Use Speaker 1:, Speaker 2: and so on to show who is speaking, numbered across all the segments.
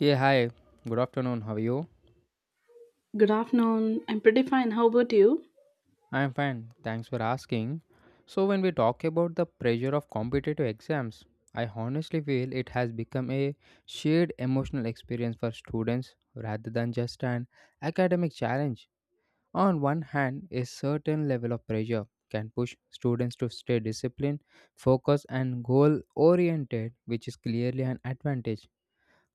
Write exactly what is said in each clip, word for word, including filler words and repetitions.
Speaker 1: Yeah, hi. Good afternoon. How are you?
Speaker 2: Good afternoon. I'm pretty fine. How about you?
Speaker 1: I'm fine. Thanks for asking. So, when we talk about the pressure of competitive exams, I honestly feel it has become a shared emotional experience for students rather than just an academic challenge. On one hand, a certain level of pressure can push students to stay disciplined, focused, and goal oriented, which is clearly an advantage.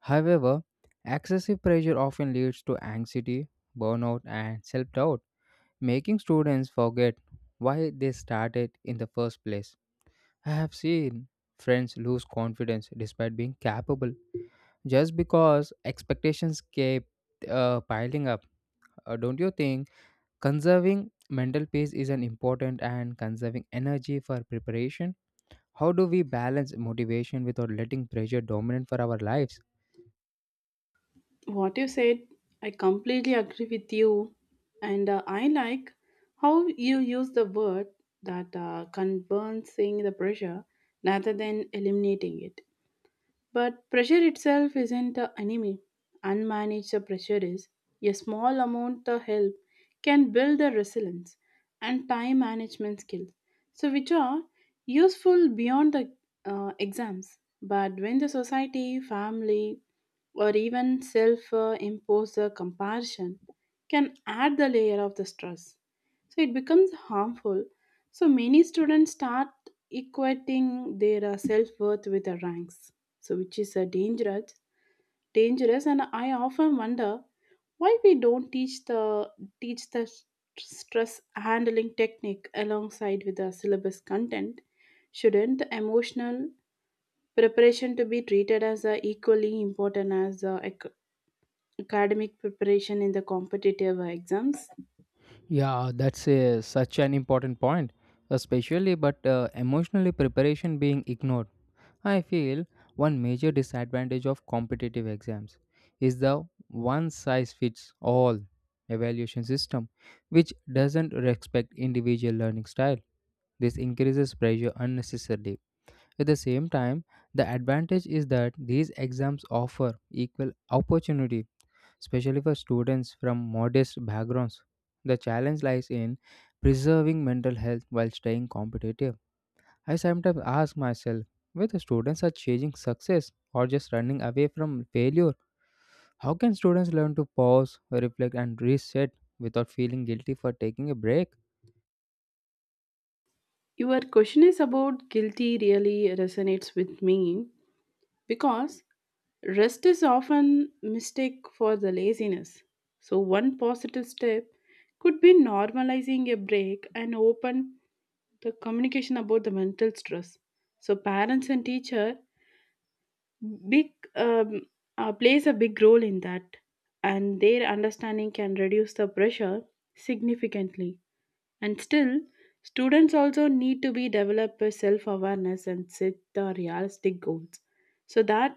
Speaker 1: However, excessive pressure often leads to anxiety, burnout, and self doubt, making students forget why they started in the first place. I have seen friends lose confidence despite being capable just because expectations kept uh, piling up. Uh, don't you think conserving mental peace is an important and conserving energy for preparation? How do we balance motivation without letting pressure dominate for our lives?
Speaker 2: What you said, I completely agree with you. And uh, I like how you use the word that uh, concerns seeing the pressure rather than eliminating it. But pressure itself isn't the enemy. Unmanaged pressure is. A small amount of help can build the resilience and time management skills, so which are useful beyond the uh, exams. But when the society, family, or even self uh, imposed comparison can add the layer of the stress. So it becomes harmful. So many students start equating their self worth with the ranks, so which is uh, dangerous. Dangerous, and I often wonder why we don't teach the teach the s- stress handling technique alongside with the syllabus content. Shouldn't emotional preparation to be treated as uh, equally important as the academic preparation in the competitive exams.
Speaker 1: Yeah, that's a, such an important point, especially but uh, emotionally preparation being ignored. I feel one major disadvantage of competitive exams is the one size fits all evaluation system, which doesn't respect individual learning style. This increases pressure unnecessarily. At the same time, the advantage is that these exams offer equal opportunity, especially for students from modest backgrounds. The challenge lies in preserving mental health while staying competitive. I sometimes ask myself whether students are chasing success or just running away from failure. How can students learn to pause, reflect, and reset without feeling guilty for taking a break?
Speaker 2: Your question is about guilty really resonates with me because rest is often mistake for the laziness. So one positive step could be normalizing a break and open the communication about the mental stress. So parents and teacher big um, uh, plays a big role in that and their understanding can reduce the pressure significantly. And still, students also need to be develop a self-awareness and set the realistic goals. So that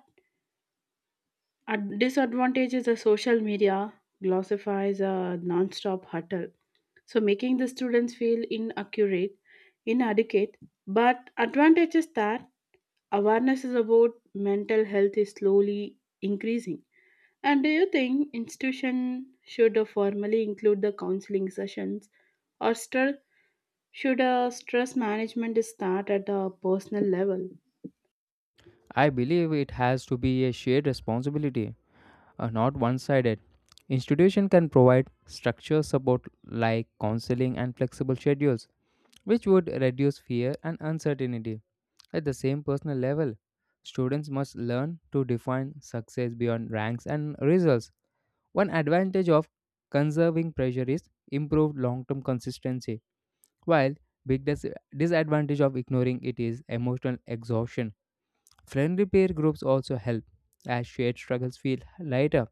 Speaker 2: ad- disadvantage is the social media glorifies a non-stop hustle. So making the students feel inaccurate, inadequate. But advantage is that awareness is about mental health is slowly increasing. And do you think institution should formally include the counseling sessions or still should uh, stress management start at a personal level?
Speaker 1: I believe it has to be a shared responsibility, uh, not one sided. Institution can provide structure support like counseling and flexible schedules, which would reduce fear and uncertainty. At the same personal level, students must learn to define success beyond ranks and results. One advantage of conserving pressure is improved long-term consistency, while big dis- disadvantage of ignoring it is emotional exhaustion. Friendly peer groups also help as shared struggles feel lighter.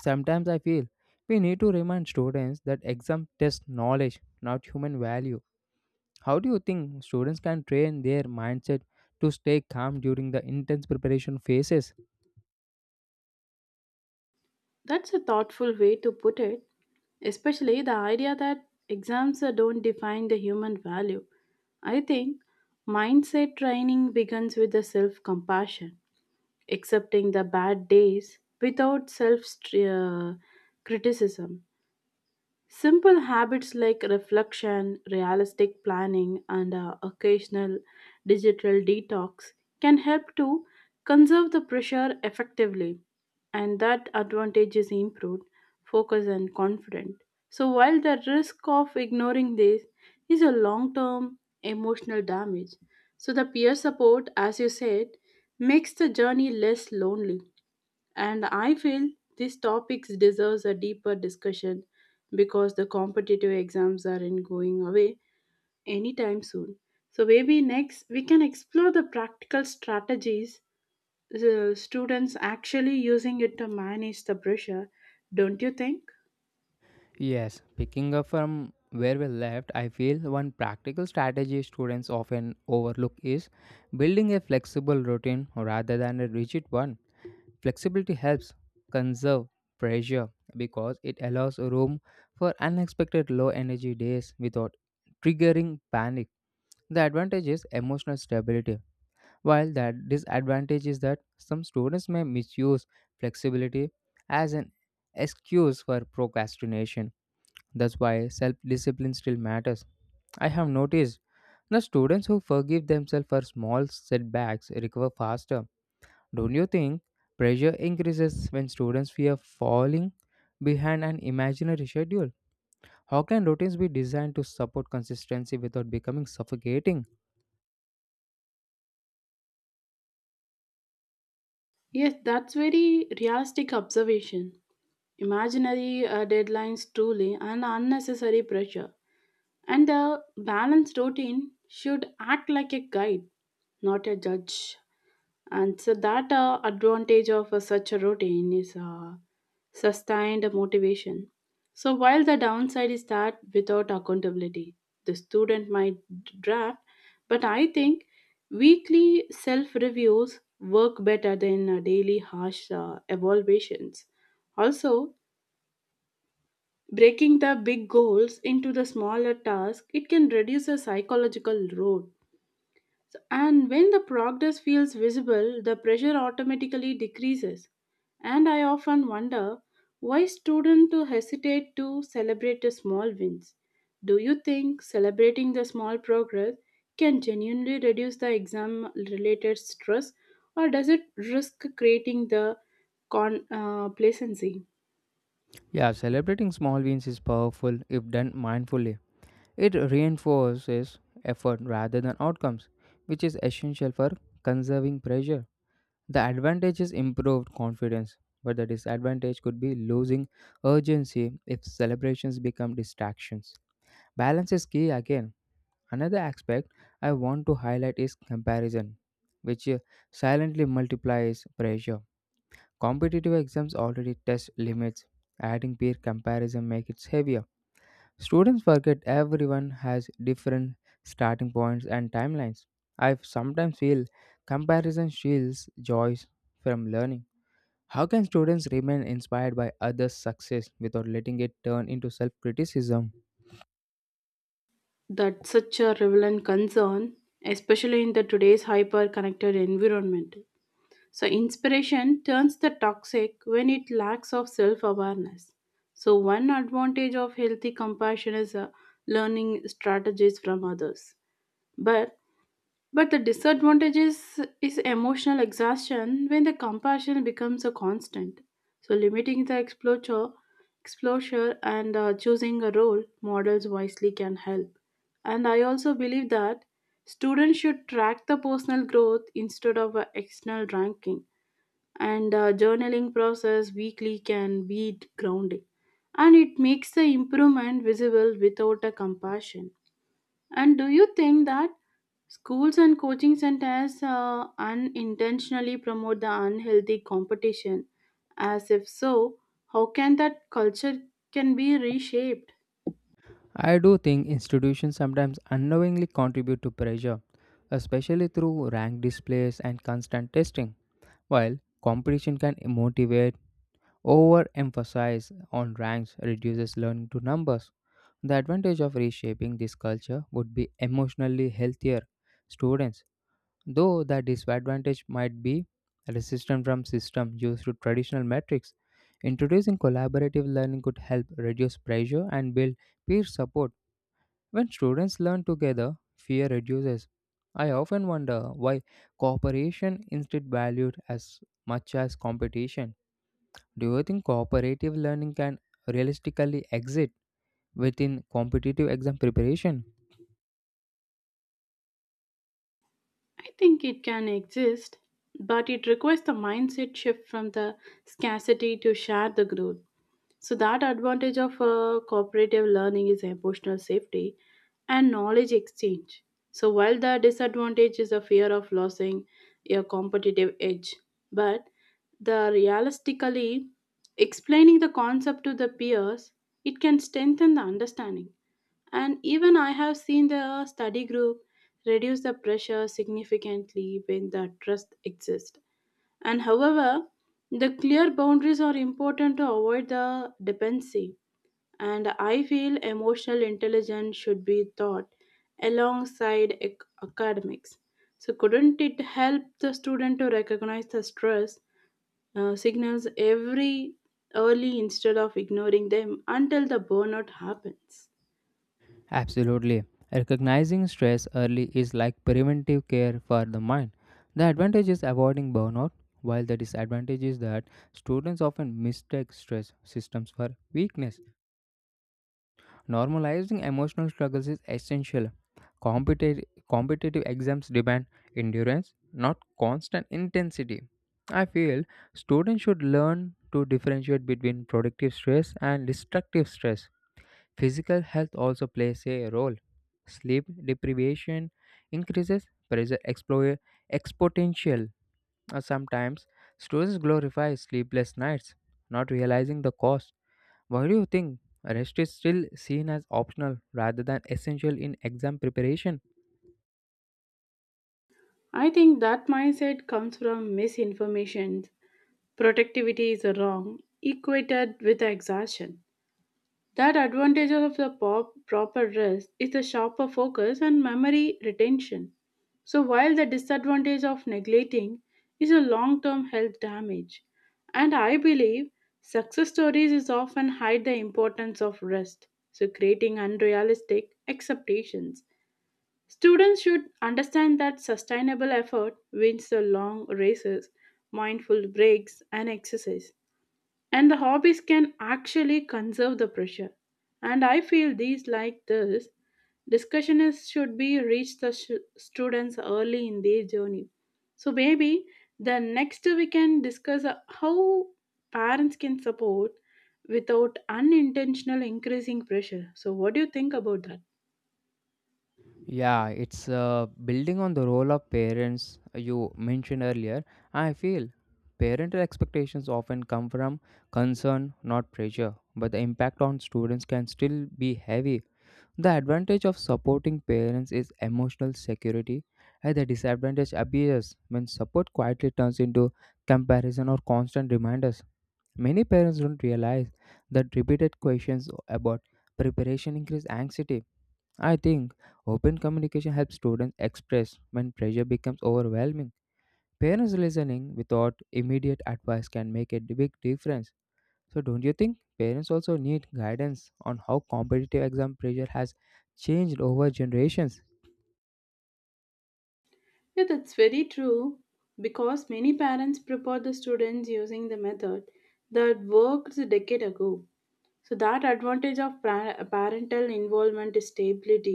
Speaker 1: Sometimes I feel we need to remind students that exam test knowledge, not human value. How do you think students can train their mindset to stay calm during the intense preparation phases?
Speaker 2: That's a thoughtful way to put it, especially the idea that exams uh, don't define the human value. I think mindset training begins with the self compassion, accepting the bad days without self uh, criticism. Simple habits like reflection, realistic planning, and uh, occasional digital detox can help to conserve the pressure effectively, and that advantage is improved focus and confident. So, while the risk of ignoring this is a long term emotional damage, so the peer support, as you said, makes the journey less lonely. And I feel these topics deserves a deeper discussion because the competitive exams aren't going away anytime soon. So maybe next we can explore the practical strategies the students actually using it to manage the pressure. Don't you think?
Speaker 1: Yes, picking up from where we left, I feel one practical strategy students often overlook is building a flexible routine rather than a rigid one. Flexibility helps conserve pressure because it allows room for unexpected low energy days without triggering panic. The advantage is emotional stability, while the disadvantage is that some students may misuse flexibility as an excuse for procrastination. That's why self discipline still matters. I have noticed the students who forgive themselves for small setbacks recover faster. Don't you think pressure increases when students fear falling behind an imaginary schedule? How can routines be designed to support consistency without becoming suffocating?
Speaker 2: Yes, that's very realistic observation. Imaginary uh, deadlines truly and unnecessary pressure. And a balanced routine should act like a guide, not a judge. And so that uh, advantage of uh, such a routine is uh, sustained motivation. So while the downside is that without accountability, the student might draft, but I think weekly self reviews work better than uh, daily harsh uh, evaluations. Also, breaking the big goals into the smaller tasks, it can reduce the psychological load so- and when the progress feels visible, the pressure automatically decreases. And I often wonder why students to hesitate to celebrate the small wins. Do you think celebrating the small progress can genuinely reduce the exam related stress or does it risk creating the con- uh, complacency?
Speaker 1: Yeah, celebrating small wins is powerful if done mindfully. It reinforces effort rather than outcomes, which is essential for conserving pressure. The advantage is improved confidence, but the disadvantage could be losing urgency if celebrations become distractions. Balance is key again. Another aspect I want to highlight is comparison, which uh, silently multiplies pressure. Competitive exams already test limits. Adding peer comparison makes it heavier. Students forget everyone has different starting points and timelines. I sometimes feel comparison shields joys from learning. How can students remain inspired by others' success without letting it turn into self criticism?
Speaker 2: That's such a relevant concern, especially in the today's hyper connected environment. So inspiration turns the toxic when it lacks of self-awareness. So one advantage of healthy compassion is uh, learning strategies from others. But but the disadvantage is, is emotional exhaustion when the compassion becomes a constant. So limiting the exposure, exposure and uh, choosing a role models wisely can help. And I also believe that students should track the personal growth instead of uh, external ranking. And uh, journaling process weekly can be grounding, and it makes the improvement visible without a compassion. And do you think that schools and coaching centers uh, unintentionally promote the unhealthy competition? As if so, how can that culture can be reshaped?
Speaker 1: I do think institutions sometimes unknowingly contribute to pressure, especially through rank displays and constant testing. While competition can motivate, overemphasis on ranks reduces learning to numbers. The advantage of reshaping this culture would be emotionally healthier students, though the disadvantage might be resistance from systems used to traditional metrics. Introducing collaborative learning could help reduce pressure and build peer support. When students learn together, fear reduces. I often wonder why cooperation instead valued as much as competition. Do you think cooperative learning can realistically exist within competitive exam preparation?
Speaker 2: I think it can exist, but it requires the mindset shift from the scarcity to share the growth. So that advantage of uh, cooperative learning is emotional safety and knowledge exchange. So while the disadvantage is a fear of losing your competitive edge, but the realistically explaining the concept to the peers, it can strengthen the understanding. And even I have seen the study group reduce the pressure significantly when the trust exists. And however, the clear boundaries are important to avoid the dependency. And I feel emotional intelligence should be taught alongside ac- academics. So, couldn't it help the student to recognize the stress uh, signals every early instead of ignoring them until the burnout happens?
Speaker 1: Absolutely. Recognizing stress early is like preventive care for the mind. The advantage is avoiding burnout, while the disadvantage is that students often mistake stress systems for weakness. Normalizing emotional struggles is essential. Competitive, competitive exams demand endurance, not constant intensity. I feel students should learn to differentiate between productive stress and destructive stress. Physical health also plays a role. Sleep deprivation increases pressure expo- exponential. Uh, Sometimes students glorify sleepless nights, not realizing the cost. Why do you think rest is still seen as optional rather than essential in exam preparation?
Speaker 2: I think that mindset comes from misinformation. Productivity is wrong, equated with exhaustion. That advantage of the pop- proper rest is the sharper focus and memory retention. So, while the disadvantage of neglecting is a long term health damage. And I believe success stories is often hide the importance of rest, so creating unrealistic expectations. Students should understand that sustainable effort wins the long races, mindful breaks, and exercise and the hobbies can actually conserve the pressure. And I feel these like this discussion is should be reach the sh- students early in their journey. So maybe the next we can discuss uh, how parents can support without unintentional increasing pressure. So what do you think about that?
Speaker 1: Yeah, it's uh, building on the role of parents you mentioned earlier. I feel parental expectations often come from concern, not pressure, but the impact on students can still be heavy. The advantage of supporting parents is emotional security, and the disadvantage appears when support quietly turns into comparison or constant reminders. Many parents don't realize that repeated questions about preparation increase anxiety. I think open communication helps students express when pressure becomes overwhelming. Parents listening without immediate advice can make a big difference. So, don't you think parents also need guidance on how competitive exam pressure has changed over generations?
Speaker 2: Yeah, that's very true because many parents prepare the students using the method that worked a decade ago. So that advantage of pa- parental involvement is stability,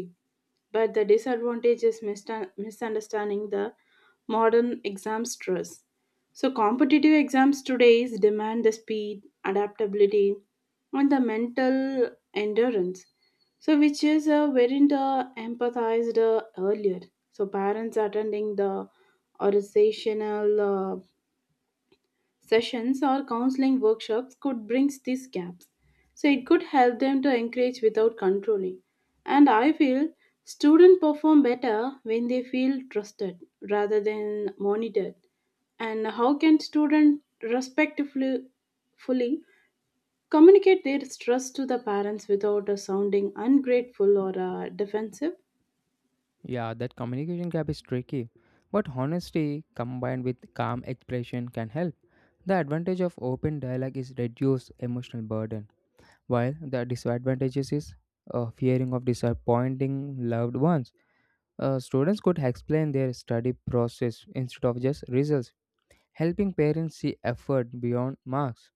Speaker 2: but the disadvantage is mista- misunderstanding the modern exam stress. So competitive exams today demand the speed, adaptability, and the mental endurance. So which is uh, wherein the empathized uh, earlier. So parents attending the organizational uh, sessions or counseling workshops could bridge these gaps. So it could help them to encourage without controlling. And I feel students perform better when they feel trusted rather than monitored. And how can students respectfully fully communicate their stress to the parents without uh, sounding ungrateful or uh, defensive?
Speaker 1: Yeah, that communication gap is tricky, but honesty combined with calm expression can help. The advantage of open dialogue is reduced emotional burden, while the disadvantages is uh, fearing of disappointing loved ones. Uh, students could explain their study process instead of just results, helping parents see effort beyond marks.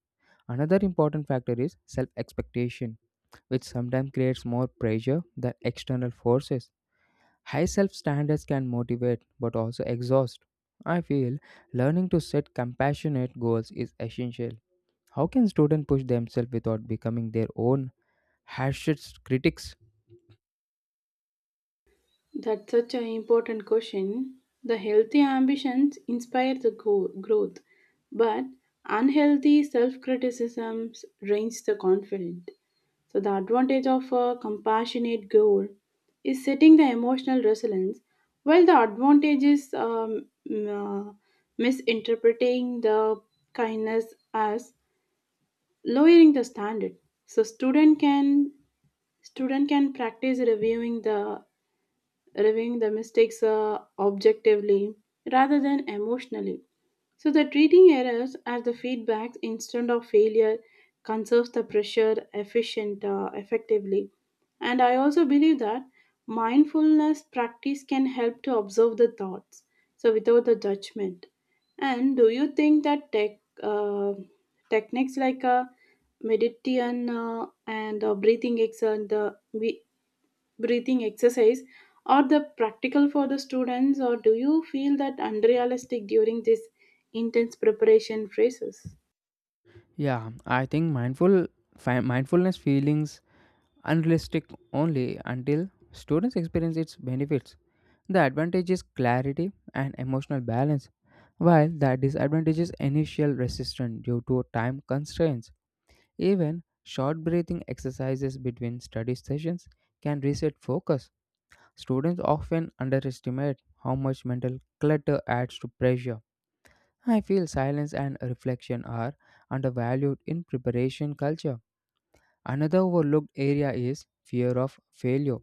Speaker 1: Another important factor is self expectation, which sometimes creates more pressure than external forces. High self standards can motivate but also exhaust. I feel learning to set compassionate goals is essential. How can students push themselves without becoming their own harshest critics?
Speaker 2: That's such an important question. The healthy ambitions inspire the go- growth, but unhealthy self criticisms drains the confidence. So, the advantage of a compassionate goal is setting the emotional resilience, while the advantage is um, mm, uh, misinterpreting the kindness as lowering the standard. So, student can student can practice reviewing the reviewing the mistakes uh, objectively rather than emotionally. So, the treating errors as the feedback instead of failure conserves the pressure efficient uh, effectively. And I also believe that mindfulness practice can help to observe the thoughts, so without the judgment. And do you think that tech uh, techniques like uh, meditation uh, and uh, breathing exercise and uh, vi- breathing exercise are the practical for the students, or do you feel that unrealistic during this intense preparation phases?
Speaker 1: Yeah, I think mindful fi- mindfulness feelings unrealistic only until students experience its benefits. The advantage is clarity and emotional balance, while the disadvantage is initial resistance due to time constraints. Even short breathing exercises between study sessions can reset focus. Students often underestimate how much mental clutter adds to pressure. I feel silence and reflection are undervalued in preparation culture. Another overlooked area is fear of failure,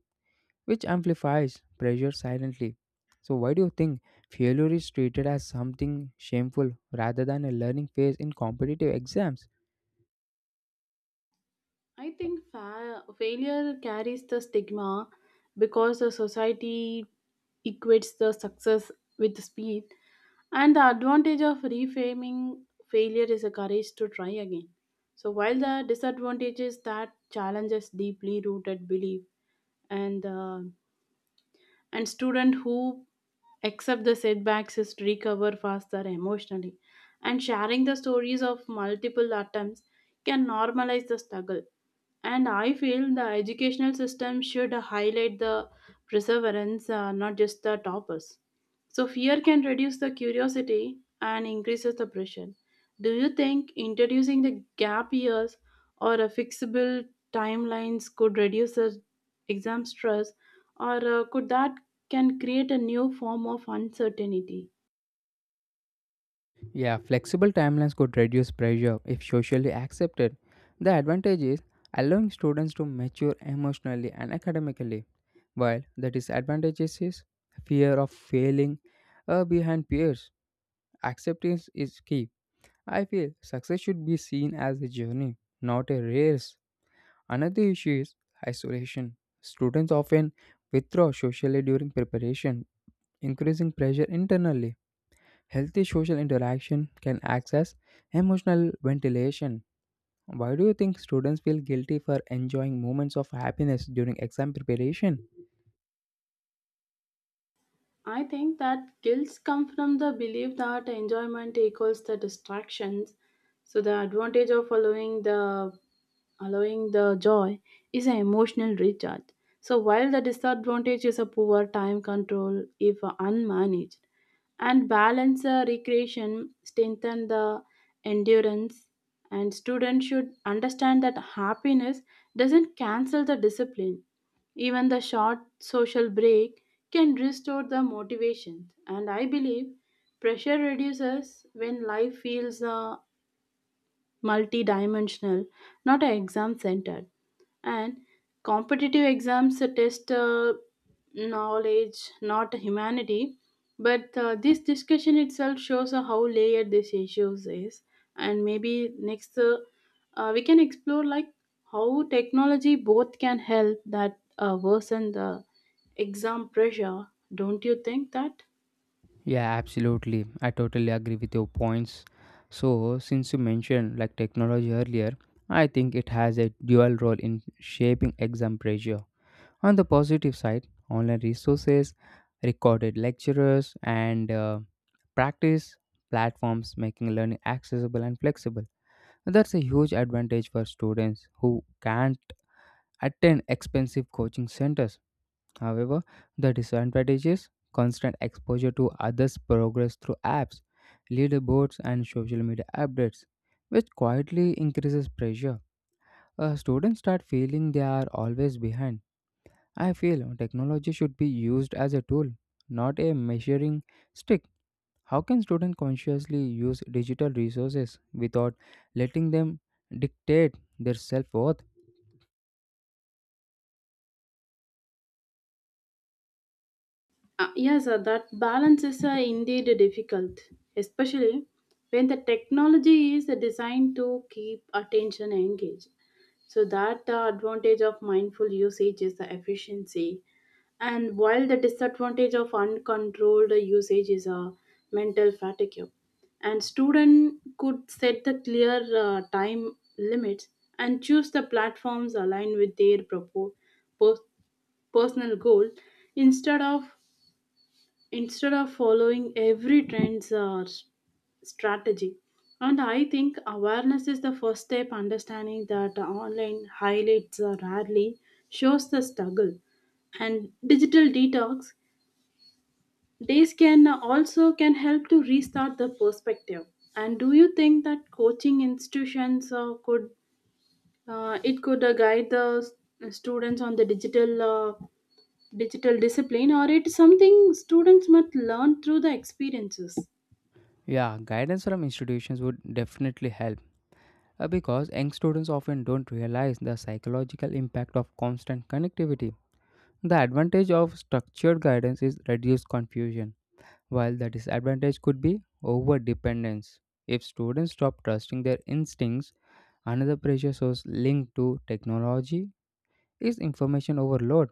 Speaker 1: which amplifies pressure silently. So, why do you think failure is treated as something shameful rather than a learning phase in competitive exams?
Speaker 2: I think fa- failure carries the stigma because the society equates the success with speed. And the advantage of reframing failure is a courage to try again. So while the disadvantage is that challenges deeply rooted belief. And uh, and student who accept the setbacks is to recover faster emotionally. And sharing the stories of multiple attempts can normalize the struggle. And I feel the educational system should highlight the perseverance, uh, not just the toppers. So fear can reduce the curiosity and increases the pressure. Do you think introducing the gap years or a fixable timelines could reduce the exam stress, or uh, could that can create a new form of uncertainty?
Speaker 1: Yeah, flexible timelines could reduce pressure if socially accepted. The advantage is allowing students to mature emotionally and academically, while the disadvantage is fear of failing uh, behind peers. Acceptance is key. I feel success should be seen as a journey, not a race. Another issue is isolation. Students often withdraw socially during preparation, increasing pressure internally. Healthy social interaction can access emotional ventilation. Why do you think students feel guilty for enjoying moments of happiness during exam preparation?
Speaker 2: I think that guilt comes from the belief that enjoyment equals the distractions. So the advantage of allowing the allowing the joy is an emotional recharge. So while the disadvantage is a poor time control if unmanaged, and balance uh, recreation strengthen the endurance. And students should understand that happiness doesn't cancel the discipline. Even the short social break can restore the motivation. And I believe pressure reduces when life feels uh, multidimensional, not exam centered. And competitive exams test uh, knowledge, not humanity. But uh, this discussion itself shows uh, how layered this issues is. And maybe next uh, uh, we can explore like how technology both can help that uh, worsen the exam pressure. Don't you think that?
Speaker 1: Yeah, absolutely. I totally agree with your points. So, since you mentioned like technology earlier, I think it has a dual role in shaping exam pressure. On the positive side, online resources, recorded lecturers, and uh, practice platforms making learning accessible and flexible. That's a huge advantage for students who can't attend expensive coaching centers. However, the disadvantage is constant exposure to others' progress through apps, leaderboards, and social media updates, which quietly increases pressure. Uh, students start feeling they are always behind. I feel technology should be used as a tool, not a measuring stick. How can students consciously use digital resources without letting them dictate their self worth?
Speaker 2: Uh, yes, uh, that balance is uh, indeed difficult, especially when the technology is designed to keep attention engaged. So that the advantage of mindful usage is the efficiency, and while the disadvantage of uncontrolled usage is a mental fatigue. And student could set the clear uh, time limits and choose the platforms aligned with their propo- pers- personal goal instead of instead of following every trend's uh, s- strategy. And I think awareness is the first step understanding that online highlights uh, rarely shows the struggle. And digital detox days can uh, also can help to restart the perspective. And do you think that coaching institutions uh, could uh, it could uh, guide the s- students on the digital uh, digital discipline, or it's something students must learn through the experiences?
Speaker 1: Yeah, guidance from institutions would definitely help uh, because young students often don't realize the psychological impact of constant connectivity. The advantage of structured guidance is reduced confusion, while the disadvantage could be over dependence if students stop trusting their instincts. Another pressure source linked to technology is information overload.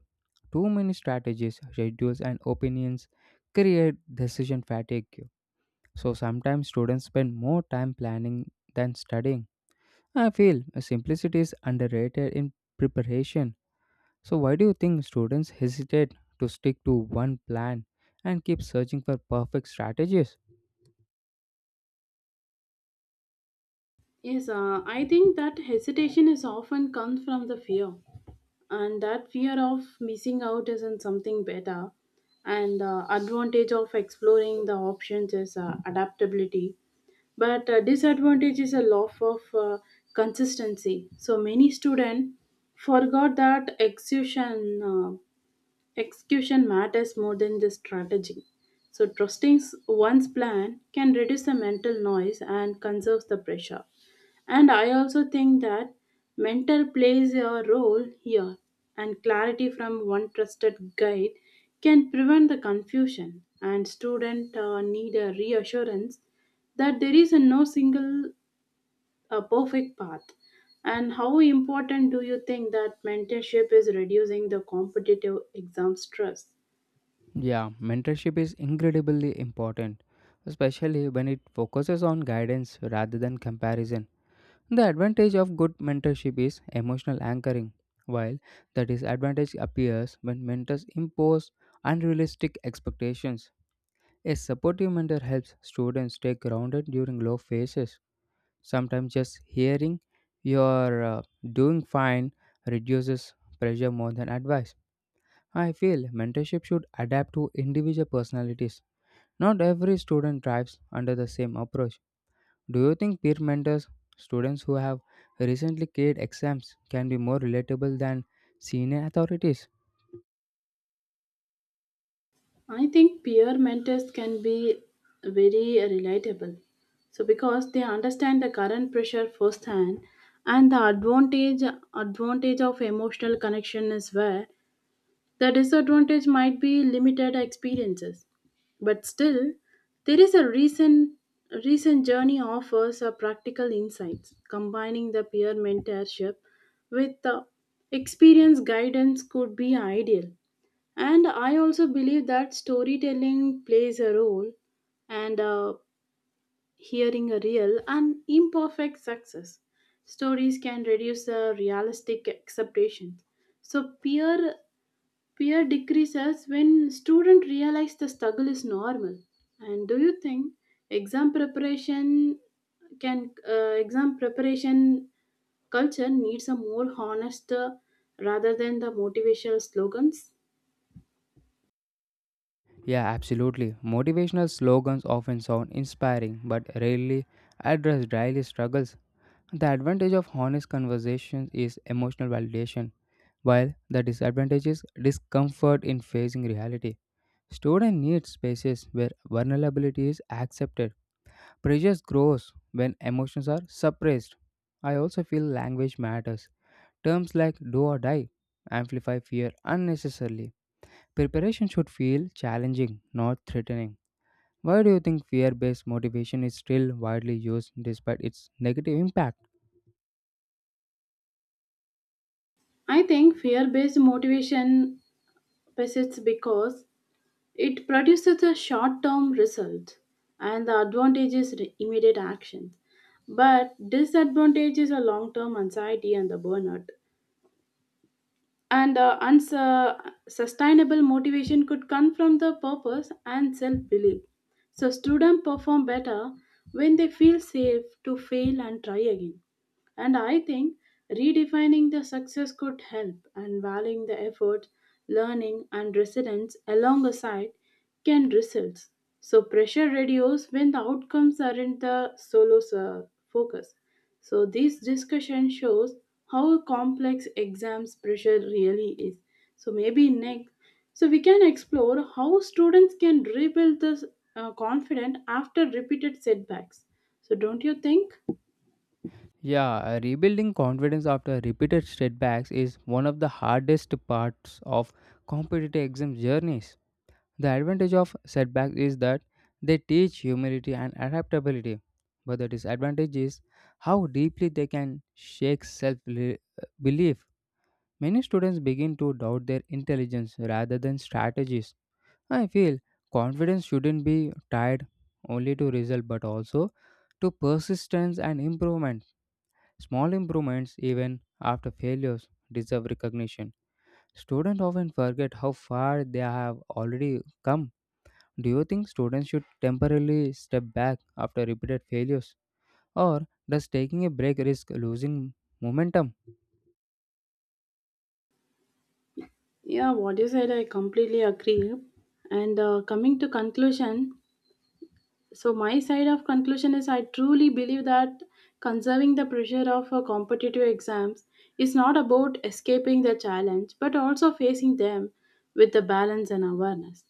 Speaker 1: Too many strategies, schedules, and opinions create decision fatigue. So sometimes students spend more time planning than studying. I feel simplicity is underrated in preparation. So, why do you think students hesitate to stick to one plan and keep searching for perfect strategies?
Speaker 2: Yes, uh, I think that hesitation is often comes from the fear, and that fear of missing out isn't something better. And uh, advantage of exploring the options is uh, adaptability, but uh, disadvantage is a loss of uh, consistency. So many students forgot that exhaustion. Uh, Execution matters more than just strategy. So, trusting one's plan can reduce the mental noise and conserves the pressure. And I also think that mental plays a role here, and clarity from one trusted guide can prevent the confusion. And students need a reassurance that there is a no single a perfect path. And how important do you think that mentorship is reducing the competitive exam stress?
Speaker 1: Yeah, mentorship is incredibly important, especially when it focuses on guidance rather than comparison. The advantage of good mentorship is emotional anchoring, while the disadvantage appears when mentors impose unrealistic expectations. A supportive mentor helps students stay grounded during low phases. Sometimes just hearing you're uh, doing fine reduces pressure more than advice. I feel mentorship should adapt to individual personalities, not every student thrives under the same approach. Do you think peer mentors, students who have recently cleared exams, can be more relatable than senior authorities?
Speaker 2: I think peer mentors can be very relatable. So because they understand the current pressure firsthand and the advantage advantage of emotional connection is where the disadvantage might be limited experiences, but still, there is a recent recent journey offers a practical insights combining the peer mentorship with the experience guidance could be ideal. And I also believe that storytelling plays a role. And uh, hearing a real and imperfect success stories can reduce the realistic expectations. So peer fear decreases when students realize the struggle is normal. And do you think exam preparation can uh, exam preparation culture needs a more honest, uh, rather than the motivational slogans?
Speaker 1: Yeah, absolutely. Motivational slogans often sound inspiring but rarely address daily struggles. The advantage of honest conversations is emotional validation, while the disadvantage is discomfort in facing reality. Student needs spaces where vulnerability is accepted. Pressure grows when emotions are suppressed. I also feel language matters. Terms like do or die amplify fear unnecessarily. Preparation should feel challenging, not threatening. Why do you think fear based motivation is still widely used despite its negative impact?
Speaker 2: I think fear based motivation persists because it produces a short term result, and the advantage is re- immediate action. But disadvantage is a long term anxiety and the burnout. And uh, unsu- sustainable motivation could come from the purpose and self-belief. So students perform better when they feel safe to fail and try again. And I think redefining the success could help, and valuing the effort learning and resilience alongside can results. So pressure reduces when the outcomes aren't the solo uh, focus. So, this discussion shows how complex exams pressure really is. So, maybe next, so we can explore how students can rebuild this uh, confidence after repeated setbacks. So, don't you think?
Speaker 1: Yeah, rebuilding confidence after repeated setbacks is one of the hardest parts of competitive exam journeys. The advantage of setbacks is that they teach humility and adaptability, but the disadvantage is how deeply they can shake self belief. Many students begin to doubt their intelligence rather than strategies. I feel confidence shouldn't be tied only to result but also to persistence and improvement. Small improvements, even after failures, deserve recognition. Students often forget how far they have already come. Do you think students should temporarily step back after repeated failures? Or does taking a break risk losing momentum?
Speaker 2: Yeah, what you said, I completely agree. And uh, coming to conclusion, so my side of conclusion is I truly believe that conserving the pressure of uh, competitive exams is not about escaping the challenge but also facing them with the balance and awareness.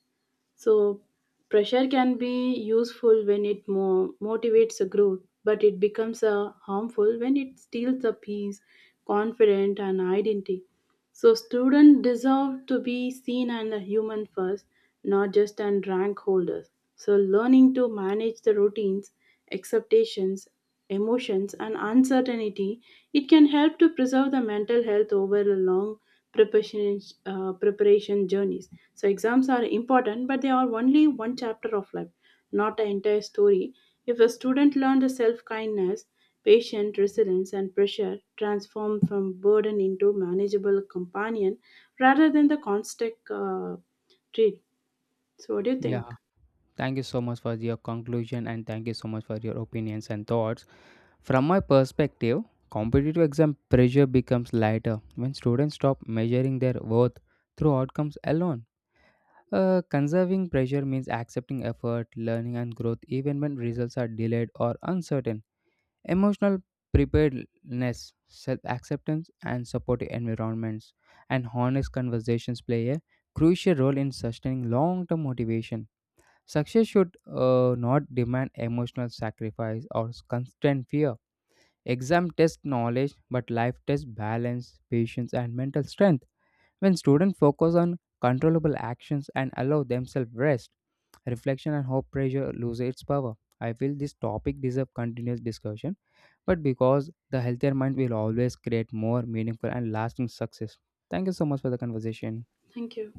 Speaker 2: So, pressure can be useful when it mo- motivates a growth, but it becomes uh, harmful when it steals the peace, confidence, and identity. So, students deserve to be seen as a human first, not just as rank holders. So, learning to manage the routines expectations, emotions, and uncertainty, it can help to preserve the mental health over a long preparation, uh, preparation journeys. So exams are important, but they are only one chapter of life, not the entire story. If a student learned self-kindness, patience, resilience, and pressure transform from burden into manageable companion rather than the constant uh, treat. So what do you
Speaker 1: Yeah,
Speaker 2: think?
Speaker 1: thank you so much for your conclusion and thank you so much for your opinions and thoughts. From my perspective, competitive exam pressure becomes lighter when students stop measuring their worth through outcomes alone. Uh, conserving pressure means accepting effort, learning, and growth even when results are delayed or uncertain. Emotional preparedness, self acceptance, and supportive environments and honest conversations play a crucial role in sustaining long term motivation. Success should uh, not demand emotional sacrifice or constant fear. Exam test knowledge, but life tests balance, patience, and mental strength. When students focus on controllable actions and allow themselves rest, reflection and hope pressure loses its power. I feel this topic deserves continuous discussion but because the healthier mind will always create more meaningful and lasting success. Thank you so much for the conversation.
Speaker 2: Thank you.